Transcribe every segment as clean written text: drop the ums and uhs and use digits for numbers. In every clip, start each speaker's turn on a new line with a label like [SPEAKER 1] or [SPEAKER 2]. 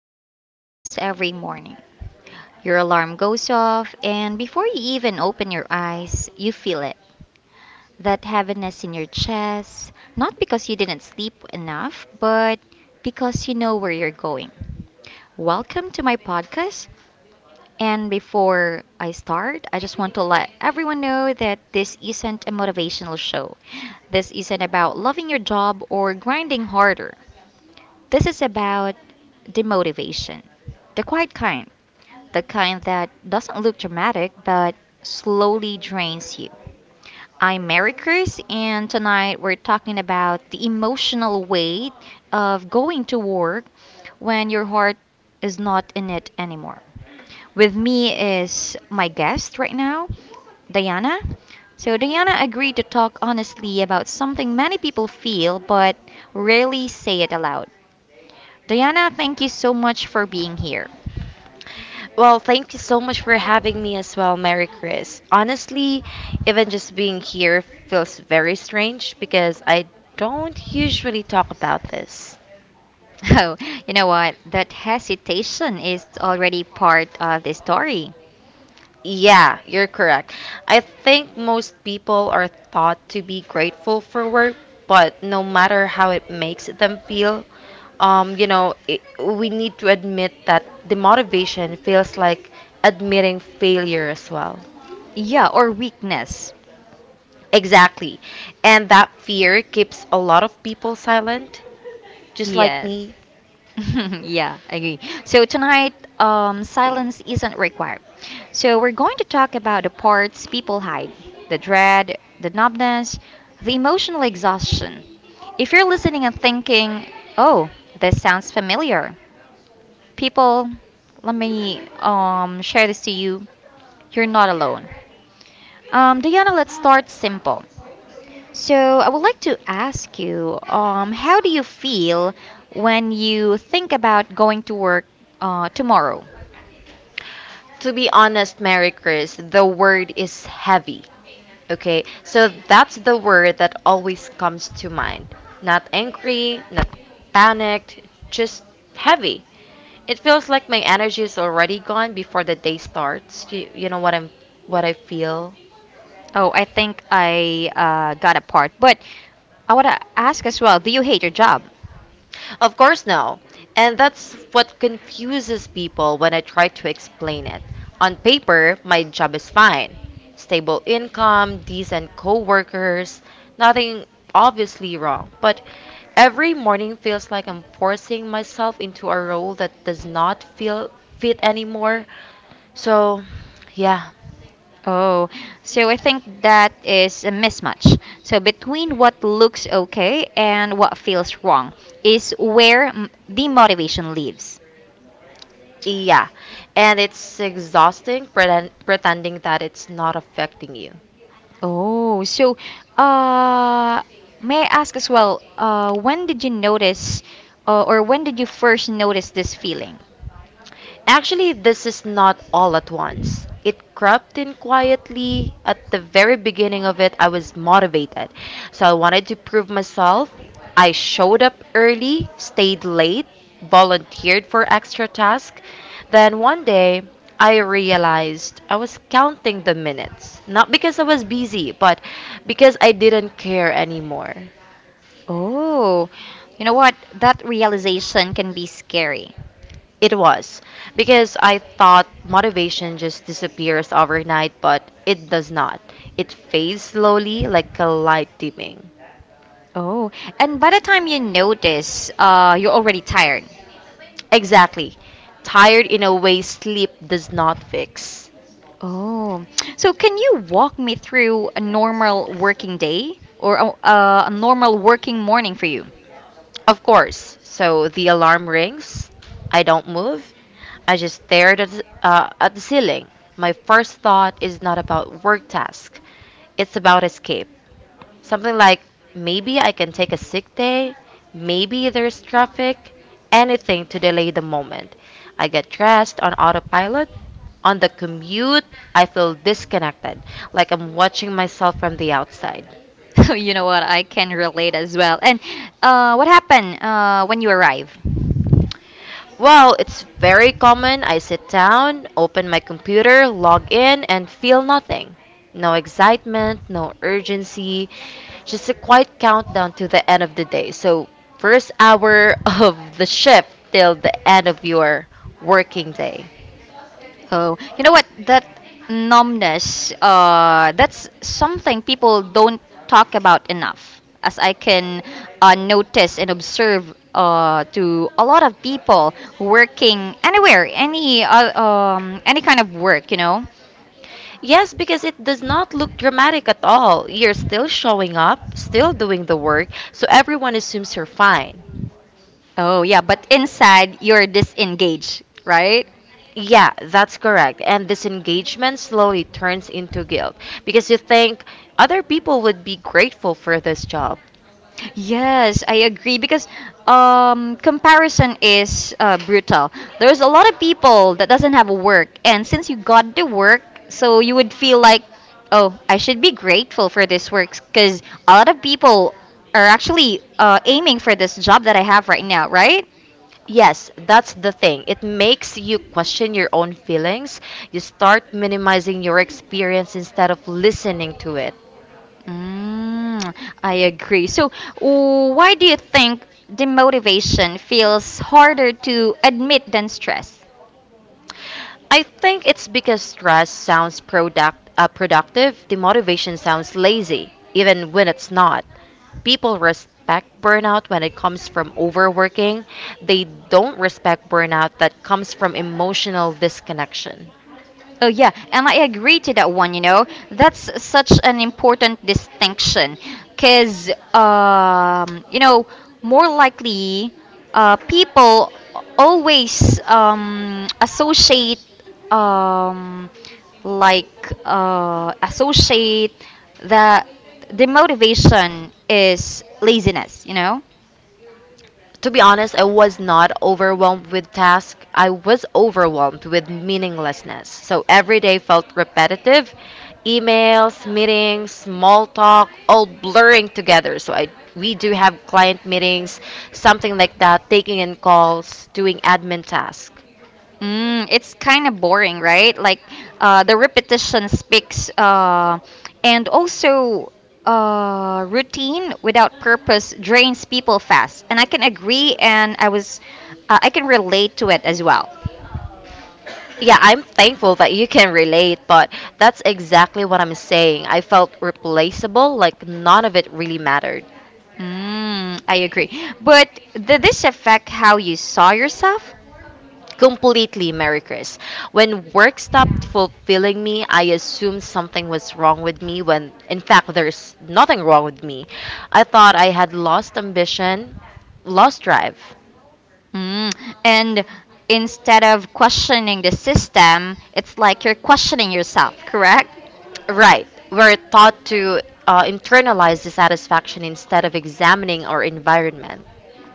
[SPEAKER 1] happens almost every morning. Your alarm goes off, and before you even open your eyes, you feel it. That heaviness in your chest, not because you didn't sleep enough, but because you know where you're going. Welcome to my podcast. And before I start, I just want to let everyone know that this isn't a motivational show. This isn't about loving your job or grinding harder. This is about demotivation, the quiet kind, the kind that doesn't look dramatic but slowly drains you. I'm Mary Chris, and tonight we're talking about the emotional weight of going to work when your heart is not in it anymore. With me is my guest right now, Diana. So, Diana agreed to talk honestly about something many people feel but rarely say it aloud. Diana, thank you so much for being here.
[SPEAKER 2] Well, thank you so much for having me as well, Mary Chris. Honestly, even just being here feels very strange because I don't usually talk about this.
[SPEAKER 1] Oh, you know what? That hesitation is already part of the story.
[SPEAKER 2] Yeah, you're correct. I think most people are taught to be grateful for work, but no matter how it makes them feel, we need to admit that the motivation feels like admitting failure as well.
[SPEAKER 1] Yeah, or weakness.
[SPEAKER 2] Exactly. And that fear keeps a lot of people silent, just like
[SPEAKER 1] Yes.
[SPEAKER 2] me.
[SPEAKER 1] Yeah, I agree. So tonight, silence isn't required. So we're going to talk about the parts people hide, the dread, the numbness, the emotional exhaustion. If you're listening and thinking, "Oh, this sounds familiar," people, let me share this to you. You're not alone. Diana, let's start simple. So, I would like to ask you, how do you feel when you think about going to work tomorrow?
[SPEAKER 2] To be honest, Mary Chris, the word is heavy. Okay, so that's the word that always comes to mind. Not angry, not panicked, just heavy. It feels like my energy is already gone before the day starts. You know what I'm what I feel?
[SPEAKER 1] Oh, I think I got a part, but I want to ask as well, do you hate your job?
[SPEAKER 2] Of course, no. And that's what confuses people when I try to explain it. On paper, my job is fine, stable income, decent coworkers, nothing obviously wrong. But every morning feels like I'm forcing myself into a role that does not feel fit anymore. So, yeah.
[SPEAKER 1] Oh, so I think that is a mismatch. So between what looks okay and what feels wrong is where the motivation lives.
[SPEAKER 2] Yeah. And it's exhausting pretending that it's not affecting you.
[SPEAKER 1] Oh, so uh, may I ask as well, when did you notice or when did you first notice this feeling?
[SPEAKER 2] Actually, this is not all at once. It crept in quietly. At the very beginning of it, I was motivated. So I wanted to prove myself. I showed up early, stayed late, volunteered for extra tasks. Then one day, I realized I was counting the minutes. Not because I was busy, but because I didn't care anymore.
[SPEAKER 1] Oh, you know what? That realization can be scary.
[SPEAKER 2] It was because I thought motivation just disappears overnight, but it does not. It fades slowly like a light dimming.
[SPEAKER 1] Oh, and by the time you notice, you're already tired.
[SPEAKER 2] Exactly. Tired in a way sleep does not fix.
[SPEAKER 1] Oh, so can you walk me through a normal working day or a normal working morning for you?
[SPEAKER 2] Of course. So the alarm rings. I don't move. I just stared at the ceiling. My first thought is not about work task. It's about escape. Something like maybe I can take a sick day, maybe there's traffic, anything to delay the moment. I get dressed on autopilot. On the commute, I feel disconnected, like I'm watching myself from the outside.
[SPEAKER 1] You know what? I can relate as well. And what happened when you arrive?
[SPEAKER 2] Well, it's very common. I sit down, open my computer, log in, and feel nothing. No excitement, no urgency, just a quiet countdown to the end of the day. So, first hour of the shift till the end of your working day.
[SPEAKER 1] Oh, you know what? That numbness, that's something people don't talk about enough, as I can notice and observe to a lot of people working anywhere, any kind of work, you know.
[SPEAKER 2] Yes, because it does not look dramatic at all. You're still showing up, still doing the work, so everyone assumes you're fine.
[SPEAKER 1] Oh yeah, but inside you're disengaged, right?
[SPEAKER 2] Yeah, that's correct. And disengagement slowly turns into guilt because you think other people would be grateful for this job.
[SPEAKER 1] Yes, I agree because comparison is brutal. There's a lot of people that doesn't have work, and since you got the work, so you would feel like, oh, I should be grateful for this work because a lot of people are actually aiming for this job that I have right now, right?
[SPEAKER 2] Yes, that's the thing. It makes you question your own feelings. You start minimizing your experience instead of listening to it.
[SPEAKER 1] Mm, I agree. So, why do you think demotivation feels harder to admit than stress?
[SPEAKER 2] I think it's because stress sounds productive, the motivation sounds lazy, even when it's not. People respect burnout when it comes from overworking. They don't respect burnout that comes from emotional disconnection.
[SPEAKER 1] Oh yeah, and I agree to that one, you know. That's such an important distinction cuz you know, more likely people always associate um like associate that the motivation is laziness, you know?
[SPEAKER 2] To be honest, I was not overwhelmed with tasks. I was overwhelmed with meaninglessness. So every day felt repetitive. Emails, meetings, small talk, all blurring together. So I we do have client meetings, something like that, taking in calls, doing admin tasks.
[SPEAKER 1] Mm, it's kind of boring, right? Like the repetition speaks, and also routine without purpose drains people fast. And I can agree, and I was, I can relate to it as well.
[SPEAKER 2] Yeah, I'm thankful that you can relate, but that's exactly what I'm saying. I felt replaceable, like none of it really mattered.
[SPEAKER 1] Mm, I agree. But did this affect how you saw yourself?
[SPEAKER 2] Completely, Mary Chris. When work stopped fulfilling me, I assumed something was wrong with me when, in fact, there's nothing wrong with me. I thought I had lost ambition, lost drive.
[SPEAKER 1] Mm, and instead of questioning the system, it's like you're questioning yourself, correct?
[SPEAKER 2] Right. We're taught to internalize dissatisfaction instead of examining our environment.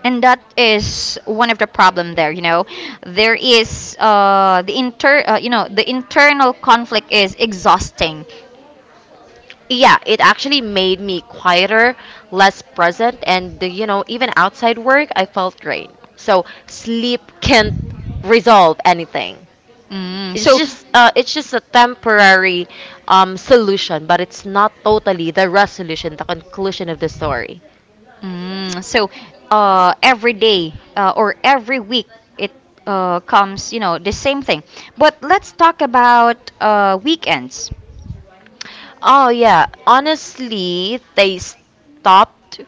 [SPEAKER 1] And that is one of the problem there, you know. There is the inter you know, the internal conflict is exhausting.
[SPEAKER 2] Yeah, it actually made me quieter, less present, and you know, even outside work I felt drained, so sleep can't resolve anything.
[SPEAKER 1] Mm, so.
[SPEAKER 2] It's just a temporary solution, but it's not totally the resolution, the conclusion of the story.
[SPEAKER 1] Mm, so every day or every week it comes, you know, the same thing. But let's talk about weekends.
[SPEAKER 2] Oh yeah, honestly, they stopped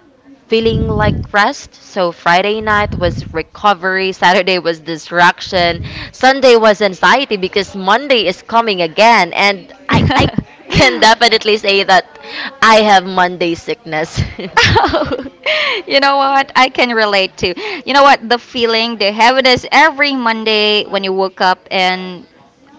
[SPEAKER 2] feeling like rest. So Friday night was recovery, Saturday was distraction, Sunday was anxiety because Monday is coming
[SPEAKER 1] I.
[SPEAKER 2] again, and I can definitely say that I have Monday sickness.
[SPEAKER 1] You know what? I can relate to. You know what? The feeling, the heaviness every Monday when you woke up and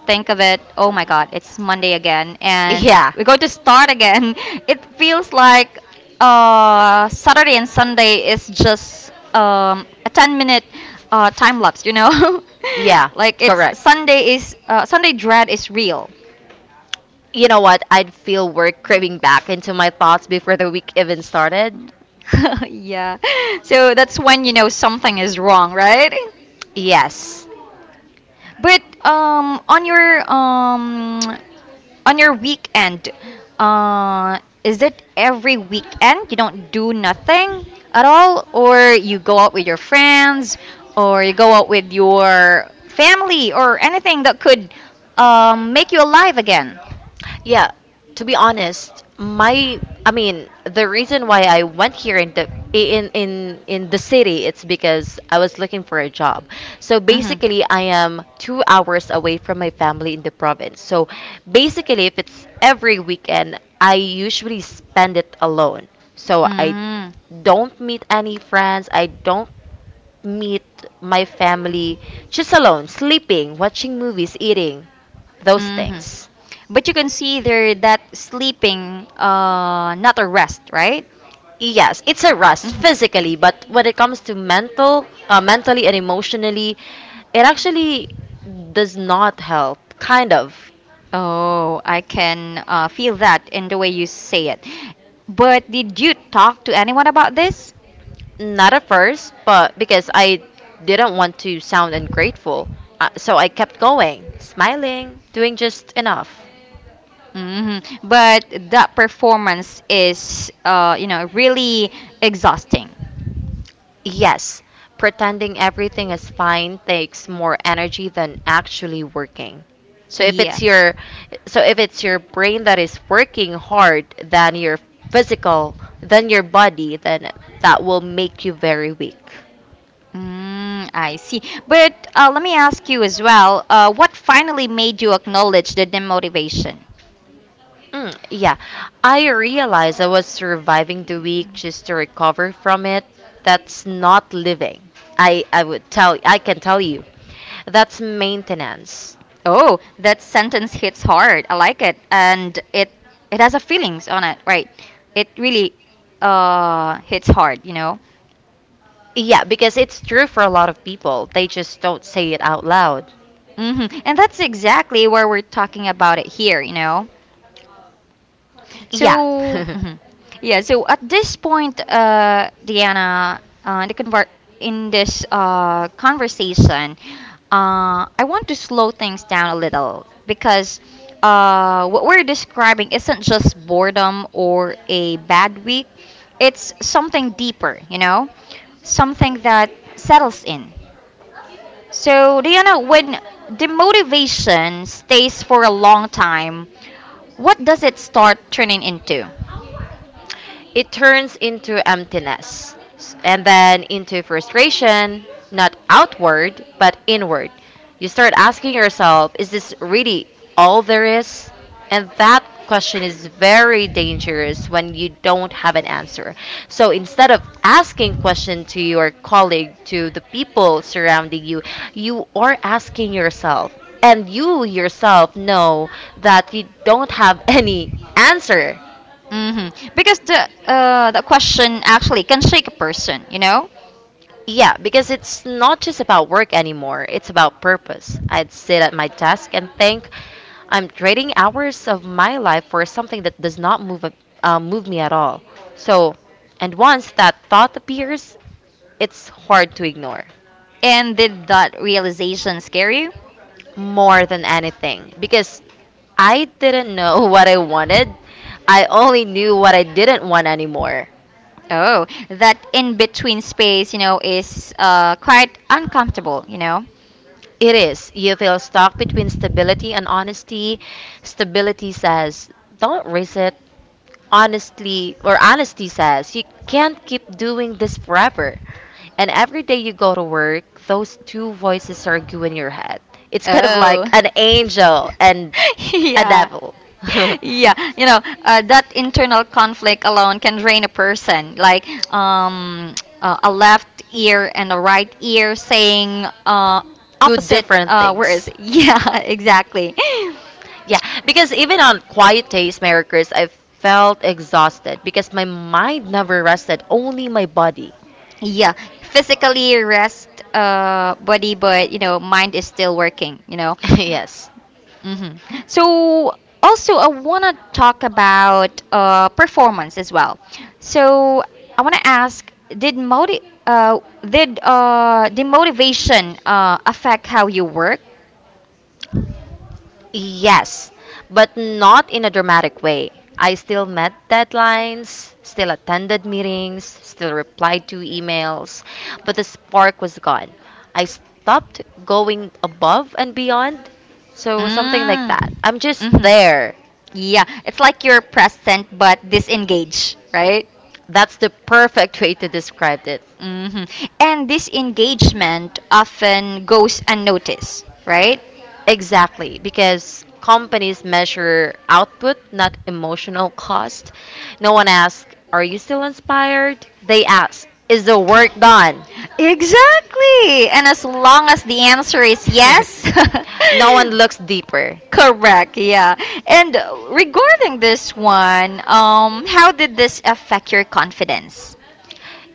[SPEAKER 1] think of it, oh my God, it's Monday again, and
[SPEAKER 2] Yeah.
[SPEAKER 1] we're going to start again. It feels like Saturday and Sunday is just a 10 minute time lapse, you know?
[SPEAKER 2] Yeah.
[SPEAKER 1] Like it's
[SPEAKER 2] Correct.
[SPEAKER 1] Sunday is Sunday dread is real.
[SPEAKER 2] You know what? I'd feel work craving back into my thoughts before the week even started.
[SPEAKER 1] Yeah. So that's when you know something is wrong, right?
[SPEAKER 2] Yes.
[SPEAKER 1] But um, on your weekend, uh, is it every weekend you don't do nothing at all, or you go out with your friends, or you go out with your family, or anything that could make you alive again?
[SPEAKER 2] Yeah, to be honest, my, I mean, the reason why I went here in the city it's because I was looking for a job. So
[SPEAKER 1] Mhm.
[SPEAKER 2] basically, I am 2 hours away from my family in the province. So basically, if it's every weekend, I usually spend it alone. So I
[SPEAKER 1] Mm.
[SPEAKER 2] don't meet any friends. I don't meet my family. Just alone, sleeping, watching movies, eating, those
[SPEAKER 1] Hmm.
[SPEAKER 2] things.
[SPEAKER 1] But you consider that sleeping not a rest, right?
[SPEAKER 2] Yes, it's a rest physically,
[SPEAKER 1] Mhm.
[SPEAKER 2] but when it comes to mentally and emotionally, it actually does not help. Kind of,
[SPEAKER 1] Oh, I can feel that in the way you say it. But did you talk to anyone about this?
[SPEAKER 2] not at first, but because I didn't want to sound ungrateful, so I kept going, smiling, doing just enough.
[SPEAKER 1] Hmm. But that performance is, you know, really exhausting.
[SPEAKER 2] Yes, pretending everything is fine takes more energy than actually working. So if
[SPEAKER 1] Yeah.
[SPEAKER 2] it's your so if it's your brain that is working hard than your physical, than your body, then that will make you very weak.
[SPEAKER 1] Mm, I see. But let me ask you as well, what finally made you acknowledge the demotivation?
[SPEAKER 2] Mm, yeah, I realized I was surviving the week just to recover from it. That's not living. I can tell you. That's maintenance.
[SPEAKER 1] Oh, that sentence hits hard. I like it, and it has a feelings on it, right? It really hits hard, you know.
[SPEAKER 2] Yeah, because it's true for a lot of people. They just don't say it out loud.
[SPEAKER 1] Hmm. And that's exactly where we're talking about it here, you know?
[SPEAKER 2] Yeah.
[SPEAKER 1] So, mhm. Yeah, so at this point, Diana, uh, in, the conver- in this conversation, I want to slow things down a little because what we're describing isn't just boredom or a bad week, it's something deeper, you know? Something that settles in. So, Diana, when demotivation stays for a long time, what does it start turning into?
[SPEAKER 2] It turns into and then into frustration, not outward, but inward. You start asking yourself, is this really all there is? And that question is very dangerous when you don't have an answer. So instead of asking question to your colleague, to the people surrounding you, you are asking yourself. And you yourself know that you don't have any answer.
[SPEAKER 1] Hmm. Because the question actually can shake a person, you know.
[SPEAKER 2] Yeah, because it's not just about work anymore, it's about purpose. I'd sit at my desk and think, I'm trading hours of my life for something that does not move me at all. So, and once that thought appears, it's hard to ignore,
[SPEAKER 1] And did that realization scare you?
[SPEAKER 2] more than anything, because I didn't know what I wanted. I only knew what I didn't want anymore.
[SPEAKER 1] Oh, that in between space, you know, is quite uncomfortable, you know.
[SPEAKER 2] It is. You feel stuck between stability and honesty. Stability says, don't risk it, honestly, or honesty says you can't keep doing this forever. And every day you go to work, those two voices argue in your head. It's kind of like
[SPEAKER 1] Oh.
[SPEAKER 2] an angel and a
[SPEAKER 1] Yeah.
[SPEAKER 2] devil.
[SPEAKER 1] Yeah, you know, that internal conflict alone can drain a person. Like a left ear and a right ear saying
[SPEAKER 2] Two
[SPEAKER 1] opposite
[SPEAKER 2] different
[SPEAKER 1] uh, words.
[SPEAKER 2] things.
[SPEAKER 1] Yeah, exactly.
[SPEAKER 2] Yeah, because even on quiet days, Merry Chris, I felt exhausted because my mind never rested, only my body.
[SPEAKER 1] Yeah, physically rest body, but you know, mind is still working. You know.
[SPEAKER 2] Yes.
[SPEAKER 1] Hmm. So also, I want to talk about performance as well. So I want to ask, did moti- uh, did the motivation affect how you work?
[SPEAKER 2] Yes, but not in a dramatic way. I still met deadlines, still attended meetings, still replied to emails, but the spark was gone. I stopped going above and beyond. So, something like that.
[SPEAKER 1] Mm.
[SPEAKER 2] I'm just
[SPEAKER 1] Mhm.
[SPEAKER 2] there.
[SPEAKER 1] Yeah, it's like you're present but disengaged, right?
[SPEAKER 2] That's the perfect way to describe it.
[SPEAKER 1] Hmm. And this engagement often goes unnoticed, right?
[SPEAKER 2] Exactly, because companies measure output, not emotional cost. No one asks, are you still inspired? They ask, is the work done?
[SPEAKER 1] Exactly. And as long as the answer is yes,
[SPEAKER 2] No one looks deeper.
[SPEAKER 1] correct, yeah. And regarding this one, how did this affect your confidence?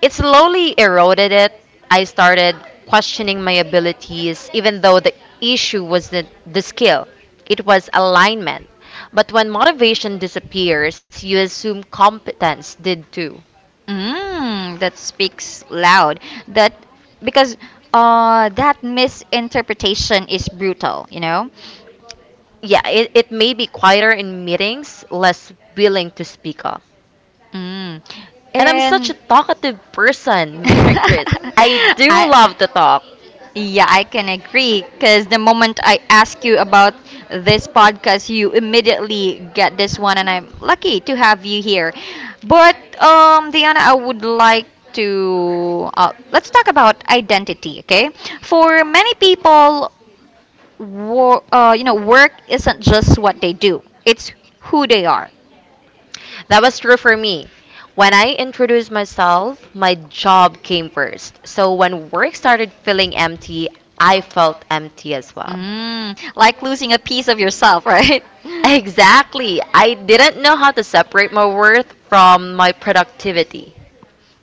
[SPEAKER 2] It slowly eroded it. I started questioning my abilities, even though the issue wasn't the skill, it was alignment. But when motivation disappears, you assume competence did too.
[SPEAKER 1] Mm, that speaks loud. That because that misinterpretation is brutal, you know.
[SPEAKER 2] Yeah, it may be quieter in meetings, less willing to speak up.
[SPEAKER 1] Mm.
[SPEAKER 2] And I'm such a
[SPEAKER 1] And
[SPEAKER 2] talkative person, Mary Chris. I do love to
[SPEAKER 1] I
[SPEAKER 2] talk.
[SPEAKER 1] yeah, I can agree because the moment I ask you about this podcast, you immediately get this one, and I'm lucky to have you here. But Diana, I would like to let's talk about identity. Okay, for many people, you know, work isn't just what they do; it's who they are.
[SPEAKER 2] That was true for me. When I introduced myself, my job came first. So when work started feeling empty, I felt empty as well.
[SPEAKER 1] Mm, like losing a piece of yourself, right?
[SPEAKER 2] Exactly. I didn't know how to separate my worth from my productivity.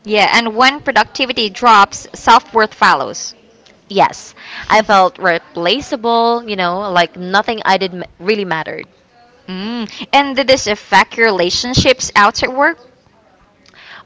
[SPEAKER 1] Yeah, and when productivity drops, self worth follows.
[SPEAKER 2] Yes, I felt replaceable, you know, like nothing really mattered.
[SPEAKER 1] Mm. And did this affect your relationships outside work?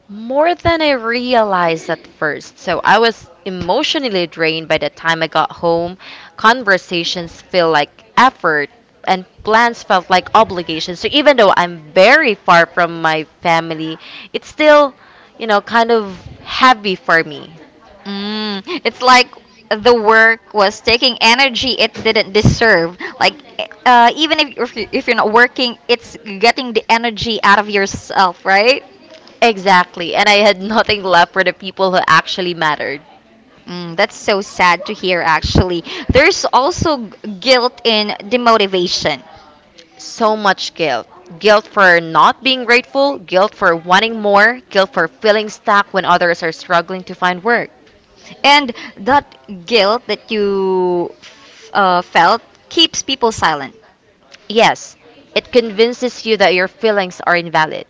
[SPEAKER 2] More than I realized at first. So I was emotionally drained by the time I got home. Conversations feel like effort and plans felt like obligations. So even though I'm very far from my family, it's still, you know, kind of heavy for me.
[SPEAKER 1] Mm. It's like the work was taking energy it didn't deserve. Like even if you're not working, it's getting the energy out of yourself, right?
[SPEAKER 2] Exactly. And I had nothing left for the people who actually mattered.
[SPEAKER 1] Mm, that's so sad to hear, actually. There's also guilt in demotivation.
[SPEAKER 2] So much guilt. Guilt for not being grateful, guilt for wanting more, guilt for feeling stuck when others are struggling to find work.
[SPEAKER 1] And that guilt that you felt keeps people silent.
[SPEAKER 2] Yes, it convinces you that your feelings are invalid.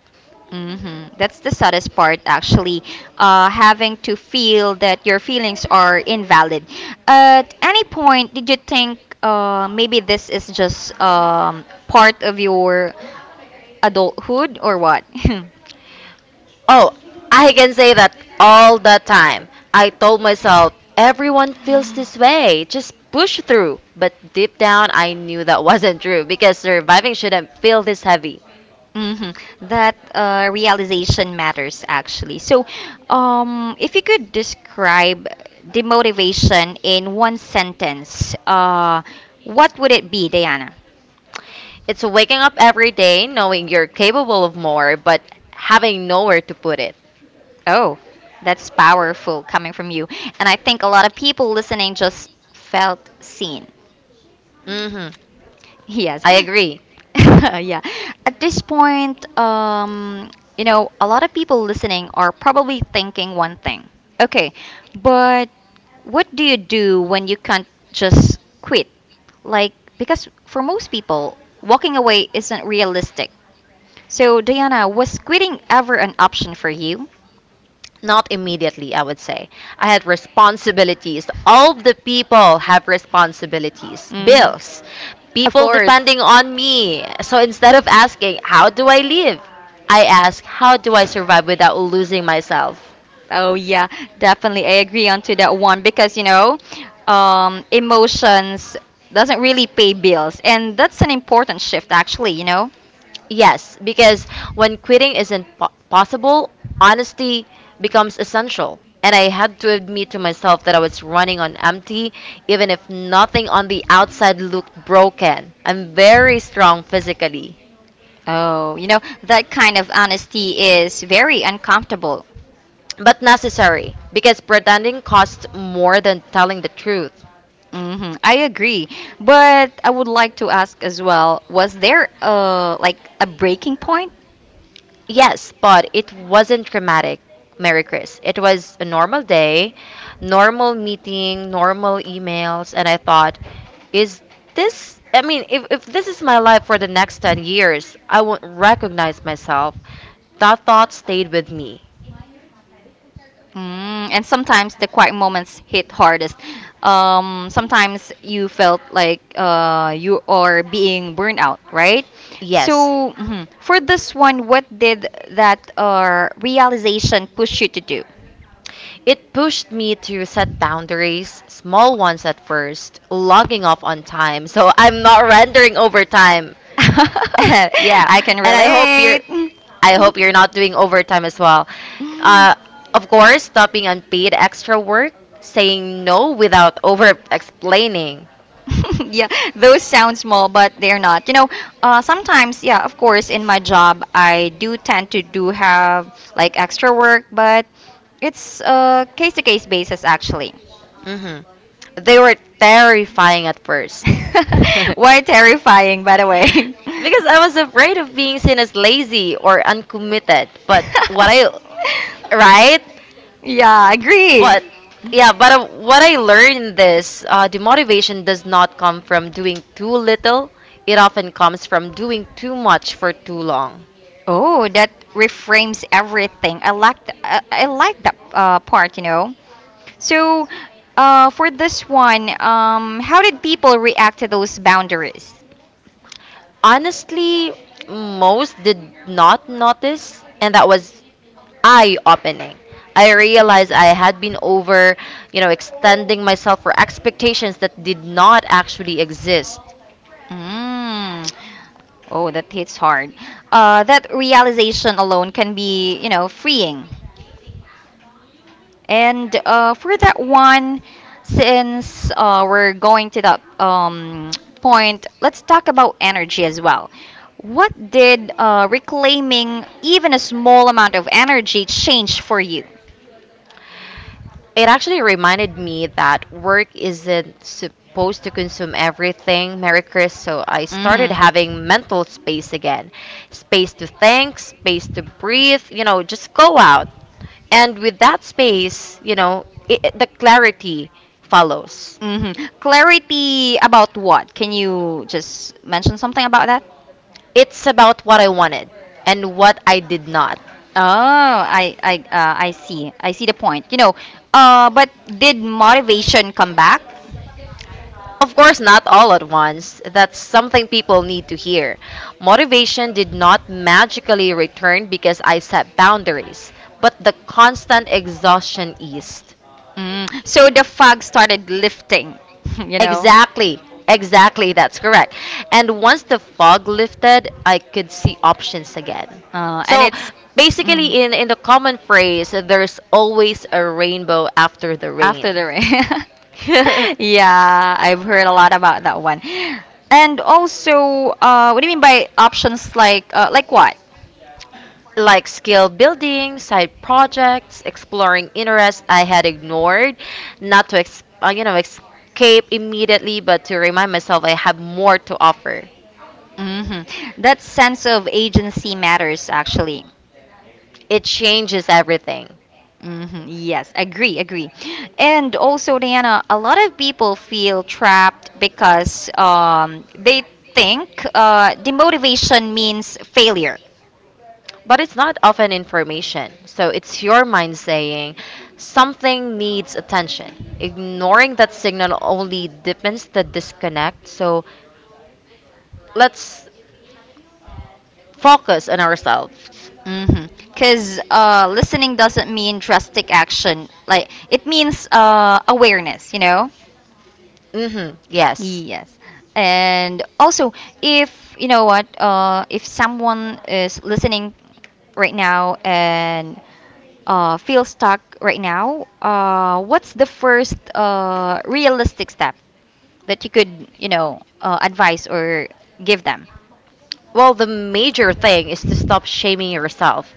[SPEAKER 1] Hmm. That's the saddest part, actually. Having to feel that your feelings are invalid. At any point, did you think maybe this is just part of your adulthood or what?
[SPEAKER 2] Oh, I can say that all the time. I told myself, everyone feels this way, just push through. But deep down, I knew that wasn't true because surviving shouldn't feel this heavy.
[SPEAKER 1] Mhm. That realization matters actually. So, if you could describe demotivation in one sentence, what would it be, Diana?
[SPEAKER 2] It's waking up every day knowing you're capable of more, but having nowhere to put it.
[SPEAKER 1] Oh, that's powerful coming from you. And I think a lot of people listening just felt seen.
[SPEAKER 2] Mm hmm
[SPEAKER 1] Yes.
[SPEAKER 2] I agree.
[SPEAKER 1] Yeah. At this point, you know, a lot of people listening are probably thinking one thing. Okay, but what do you do when you can't just quit? Like, because for most people, walking away isn't realistic. So, Diana, was quitting ever an option for you?
[SPEAKER 2] Not immediately, I would say. I had responsibilities. All the people have responsibilities,
[SPEAKER 1] Hmm.
[SPEAKER 2] bills,
[SPEAKER 1] Of
[SPEAKER 2] people
[SPEAKER 1] course.
[SPEAKER 2] depending on me. So instead of asking, how do I live? I ask, how do I survive without losing myself?
[SPEAKER 1] Oh yeah, definitely. I agree onto that one because you know, emotions doesn't really pay bills, and that's an important shift actually. You know.
[SPEAKER 2] Yes, because when quitting isn't possible, honesty becomes essential. And I had to admit to myself that I was running on empty, even if nothing on the outside looked broken. I'm very strong physically,
[SPEAKER 1] Oh, you know that kind of honesty is very uncomfortable.
[SPEAKER 2] but necessary because pretending costs more than telling the truth.
[SPEAKER 1] Hmm. I agree, but I would like to ask as well. Was there like a breaking point.
[SPEAKER 2] Yes, but it wasn't dramatic, Mary Chris. It was a normal day, normal meeting, normal emails, and I thought, is this? I mean, if this is my life for the next 10 years, I won't recognize myself. That thought stayed with me.
[SPEAKER 1] Mm, and sometimes the quiet moments hit hardest. Sometimes you felt like you are being burned out, right?
[SPEAKER 2] Yes.
[SPEAKER 1] So, mhm. For this one, what did that realization push you to do?
[SPEAKER 2] It pushed me to set boundaries, small ones at first, logging off on time. So I'm not rendering overtime. Yeah,
[SPEAKER 1] I can
[SPEAKER 2] and
[SPEAKER 1] relate.
[SPEAKER 2] I hope you're not doing overtime as well. Uh, of course, stopping unpaid extra work, saying no without over explaining.
[SPEAKER 1] Yeah, those sound small, but they're not. You know, sometimes, yeah, of course, in my job, I do tend to do have like extra work, but it's a case to case basis actually.
[SPEAKER 2] Hmm. They were terrifying at first, because
[SPEAKER 1] Why terrifying, by the way?
[SPEAKER 2] I was afraid of being seen as lazy or uncommitted. But what I, right?
[SPEAKER 1] Yeah, agree.
[SPEAKER 2] But yeah, but what I learned in this, demotivation does not come from doing too little. It often comes from doing too much for too long.
[SPEAKER 1] Oh, that reframes everything. I like I like that part, you know. So, for this one, how did people react to those boundaries?
[SPEAKER 2] Honestly, most did not notice, and that was eye-opening. I realized I had been over, you know, extending myself for expectations that did not actually exist.
[SPEAKER 1] Mm. Oh, that hits hard. That realization alone can be, freeing. And for that one, since we're going to that point, let's talk about energy as well. What did reclaiming even a small amount of energy change for you?
[SPEAKER 2] It actually reminded me that work isn't supposed to consume everything, Merry Chris, so I started having
[SPEAKER 1] Mm-hmm.
[SPEAKER 2] mental space again. Space to think, space to breathe, you know, just go out. And with that space, you know, the clarity follows.
[SPEAKER 1] Mm-hmm. Clarity about what? Can you just mention something about that?
[SPEAKER 2] It's about what I wanted and what I did not.
[SPEAKER 1] Oh, I see. I see the point. But did motivation come back?
[SPEAKER 2] Of course, not all at once. That's something people need to hear. Motivation did not magically return because I set boundaries, but the constant exhaustion eased.
[SPEAKER 1] Mm, so the fog started lifting. You know.
[SPEAKER 2] Exactly. Exactly, that's correct. And once the fog lifted, I could see options again.
[SPEAKER 1] And
[SPEAKER 2] So
[SPEAKER 1] it's. Mhm.
[SPEAKER 2] basically, in the common phrase, there's always a rainbow after the
[SPEAKER 1] After
[SPEAKER 2] rain.
[SPEAKER 1] the rain. Yeah, I've heard a lot about that one. And also, what do you mean by options like what?
[SPEAKER 2] Like skill building, side projects, exploring interests I had ignored, not to you know, escape immediately, but to remind myself I have more to offer.
[SPEAKER 1] Hmm. That sense of agency matters actually.
[SPEAKER 2] It changes everything.
[SPEAKER 1] Hmm. Yes, agree, agree. And also, Diana, a lot of people feel trapped because they think demotivation means failure.
[SPEAKER 2] But it's not often information. So it's your mind saying something needs attention. Ignoring that signal only deepens the disconnect. So let's focus on ourselves.
[SPEAKER 1] Because listening doesn't mean drastic action. Like it means awareness. You know.
[SPEAKER 2] Mhm. Yes.
[SPEAKER 1] Yes. And also, if you know what, if someone is listening right now and feels stuck right now, what's the first realistic step that you could, advise or give them?
[SPEAKER 2] Well, the major thing is to stop shaming yourself.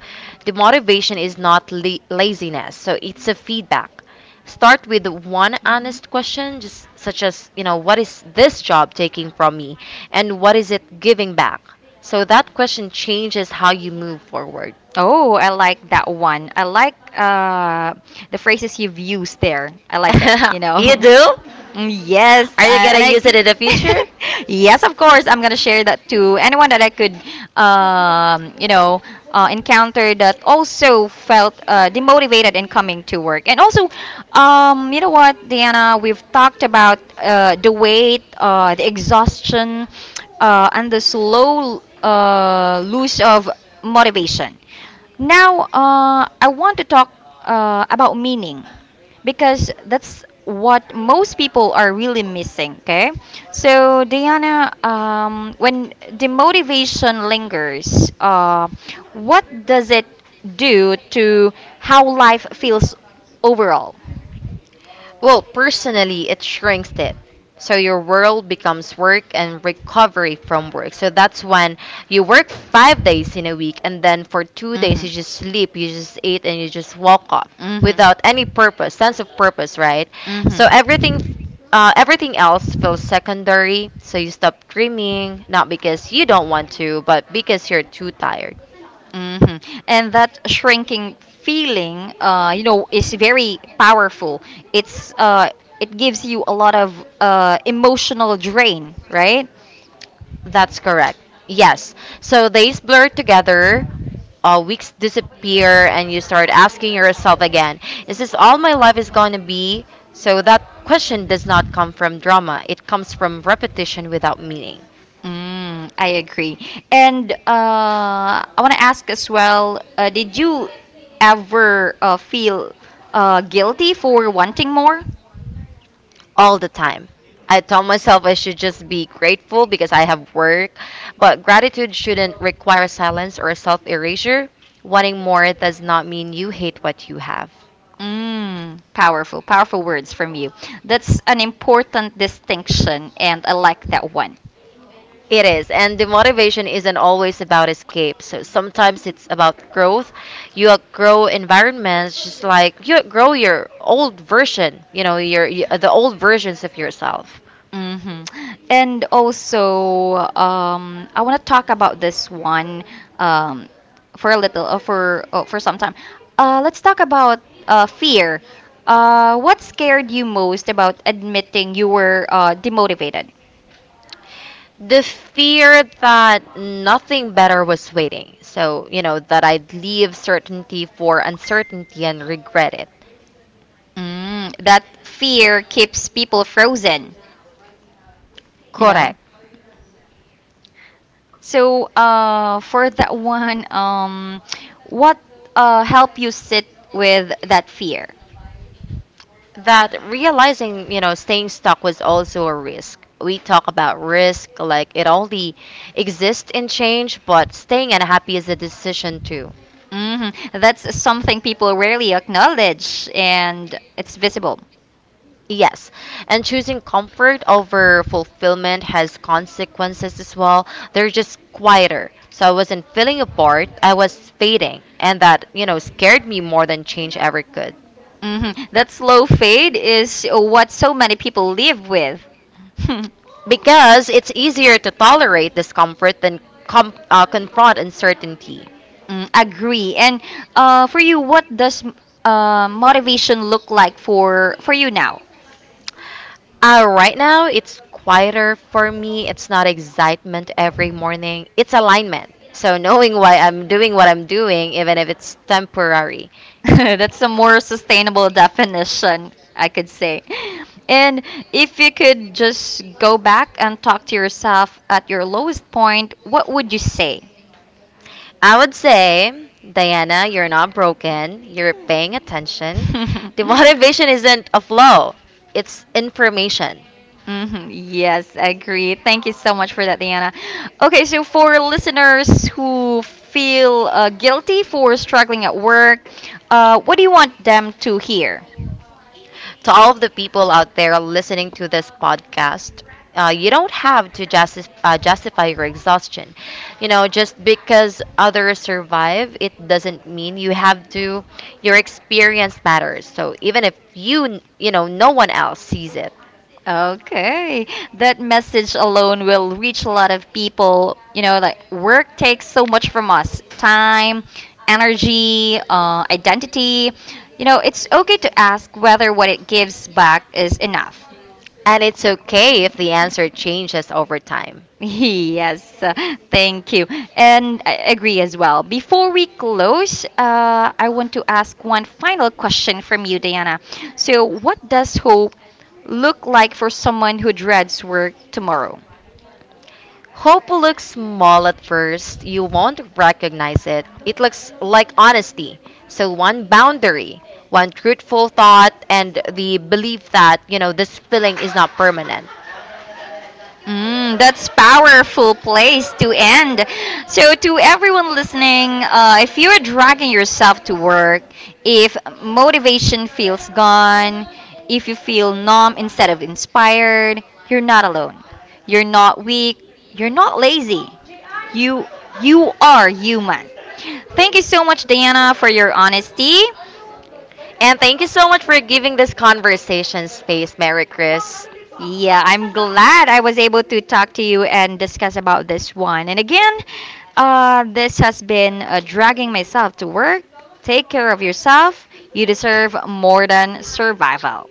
[SPEAKER 2] The motivation is not laziness, so it's a feedback. Start with one honest question, just such as, you know, what is this job taking from me and what is it giving back? So that question changes how you move forward.
[SPEAKER 1] Oh, I like that one. I like the phrases you've used there. I like it, you know.
[SPEAKER 2] You do?
[SPEAKER 1] Mm, Yes,
[SPEAKER 2] Are you going
[SPEAKER 1] and
[SPEAKER 2] to
[SPEAKER 1] I.
[SPEAKER 2] use it in the future?
[SPEAKER 1] Yes, of course, I'm gonna share that to anyone that I could, um, you know, encounter that also felt demotivated in coming to work. And also, Diana, we've talked about the weight, the exhaustion, and the slow lose of motivation. Now, I want to talk about meaning because that's what most people are really missing. Okay, so Diana, when demotivation lingers, what does it do to how life feels overall?
[SPEAKER 2] Well, personally, it shrinks it. So your world becomes work and recovery from work. So that's when you work 5 days in a week, and then for 2 days you
[SPEAKER 1] Mhm.
[SPEAKER 2] just sleep, you just eat, and you just walk off
[SPEAKER 1] Mhm. Mhm.
[SPEAKER 2] without any purpose, sense of purpose, right? So
[SPEAKER 1] Hmm.
[SPEAKER 2] everything else feels secondary. So you stop dreaming, not because you don't want to, but because you're too tired.
[SPEAKER 1] And that shrinking feeling, is very powerful. It's uh, it gives you a lot of emotional drain, right?
[SPEAKER 2] That's correct. Yes. So days blur together. Uh, weeks disappear and you start asking yourself again, is this all my life is going to be? So that question does not come from drama, it comes from repetition without meaning
[SPEAKER 1] Mm, I agree. And I want to ask as well, did you ever feel guilty for wanting more?
[SPEAKER 2] all the time. I tell myself I should just be grateful because I have work, but gratitude shouldn't require silence or self erasure. Wanting more does not mean you hate what you have.
[SPEAKER 1] Mm, powerful, powerful words from you. That's an important distinction, and I like that one.
[SPEAKER 2] It is. And the motivation isn't always about escape. So sometimes it's about growth. You outgrow environments just like you outgrow your old version, you know, your, y the old versions of yourself.
[SPEAKER 1] Hmm. And also, I want to talk about this one um, for a little, for some time. Let's talk about fear. What scared you most about admitting you were demotivated?
[SPEAKER 2] The fear that nothing better was waiting. So, you know, that I'd leave certainty for uncertainty and regret it.
[SPEAKER 1] Mm, that fear keeps people frozen, you know.
[SPEAKER 2] Correct.
[SPEAKER 1] So, for that one, what helped you sit with that fear?
[SPEAKER 2] That realizing, you know, staying stuck was also a risk. We talk about risk like it only exists in change, but staying unhappy is a decision too.
[SPEAKER 1] Hmm. That's something people rarely acknowledge, and it's visible.
[SPEAKER 2] Yes, and choosing comfort over fulfillment has consequences as well. They're just quieter. So I wasn't feeling apart, I was fading, and that, you know, scared me more than change ever could.
[SPEAKER 1] Hmm. That slow fade is what so many people live with.
[SPEAKER 2] Because it's easier to tolerate discomfort than confront uncertainty.
[SPEAKER 1] Mm, agree. And for you, what does motivation look like for you now?
[SPEAKER 2] Right now, it's quieter for me. It's not excitement every morning. It's alignment. So knowing why I'm doing what I'm doing, even if it's temporary.
[SPEAKER 1] That's a more sustainable definition, I could say. And if you could just go back and talk to yourself at your lowest point, what would you say?
[SPEAKER 2] I would say, Diana, you're not broken. You're paying attention. The motivation isn't a flow. It's information.
[SPEAKER 1] Hmm. Yes, agree. Thank you so much for that, Diana. Okay, so for listeners who feel guilty for struggling at work, what do you want them to hear?
[SPEAKER 2] To all of the people out there listening to this podcast. You don't have to justify your exhaustion. You know, just because others survive, it doesn't mean you have to. Your experience matters. So even if you, you know, no one else sees it.
[SPEAKER 1] Okay, that message alone will reach a lot of people. You know, like work takes so much from us time, energy, identity. You know, it's okay to ask whether what it gives back is enough.
[SPEAKER 2] And it's okay if the answer changes over time.
[SPEAKER 1] Yes, thank you. And I agree as well. Before we close, I want to ask one final question from you, Diana. So, what does hope look like for someone who dreads work tomorrow?
[SPEAKER 2] Hope will look small at first. You won't recognize it. It looks like honesty. So, one boundary, one truthful thought, and the belief that, you know, this feeling is not permanent.
[SPEAKER 1] Mm, that's powerful place to end. So to everyone listening, if you're dragging yourself to work, if motivation feels gone, if you feel numb instead of inspired, you're not alone. You're not weak. You're not lazy. You you are human. Thank you so much, Diana, for your honesty.
[SPEAKER 2] And thank you so much for giving this conversation space, Mary Chris.
[SPEAKER 1] Yeah, I'm glad I was able to talk to you and discuss about this one. And again, this has been dragging myself to work. Take care of yourself. You deserve more than survival.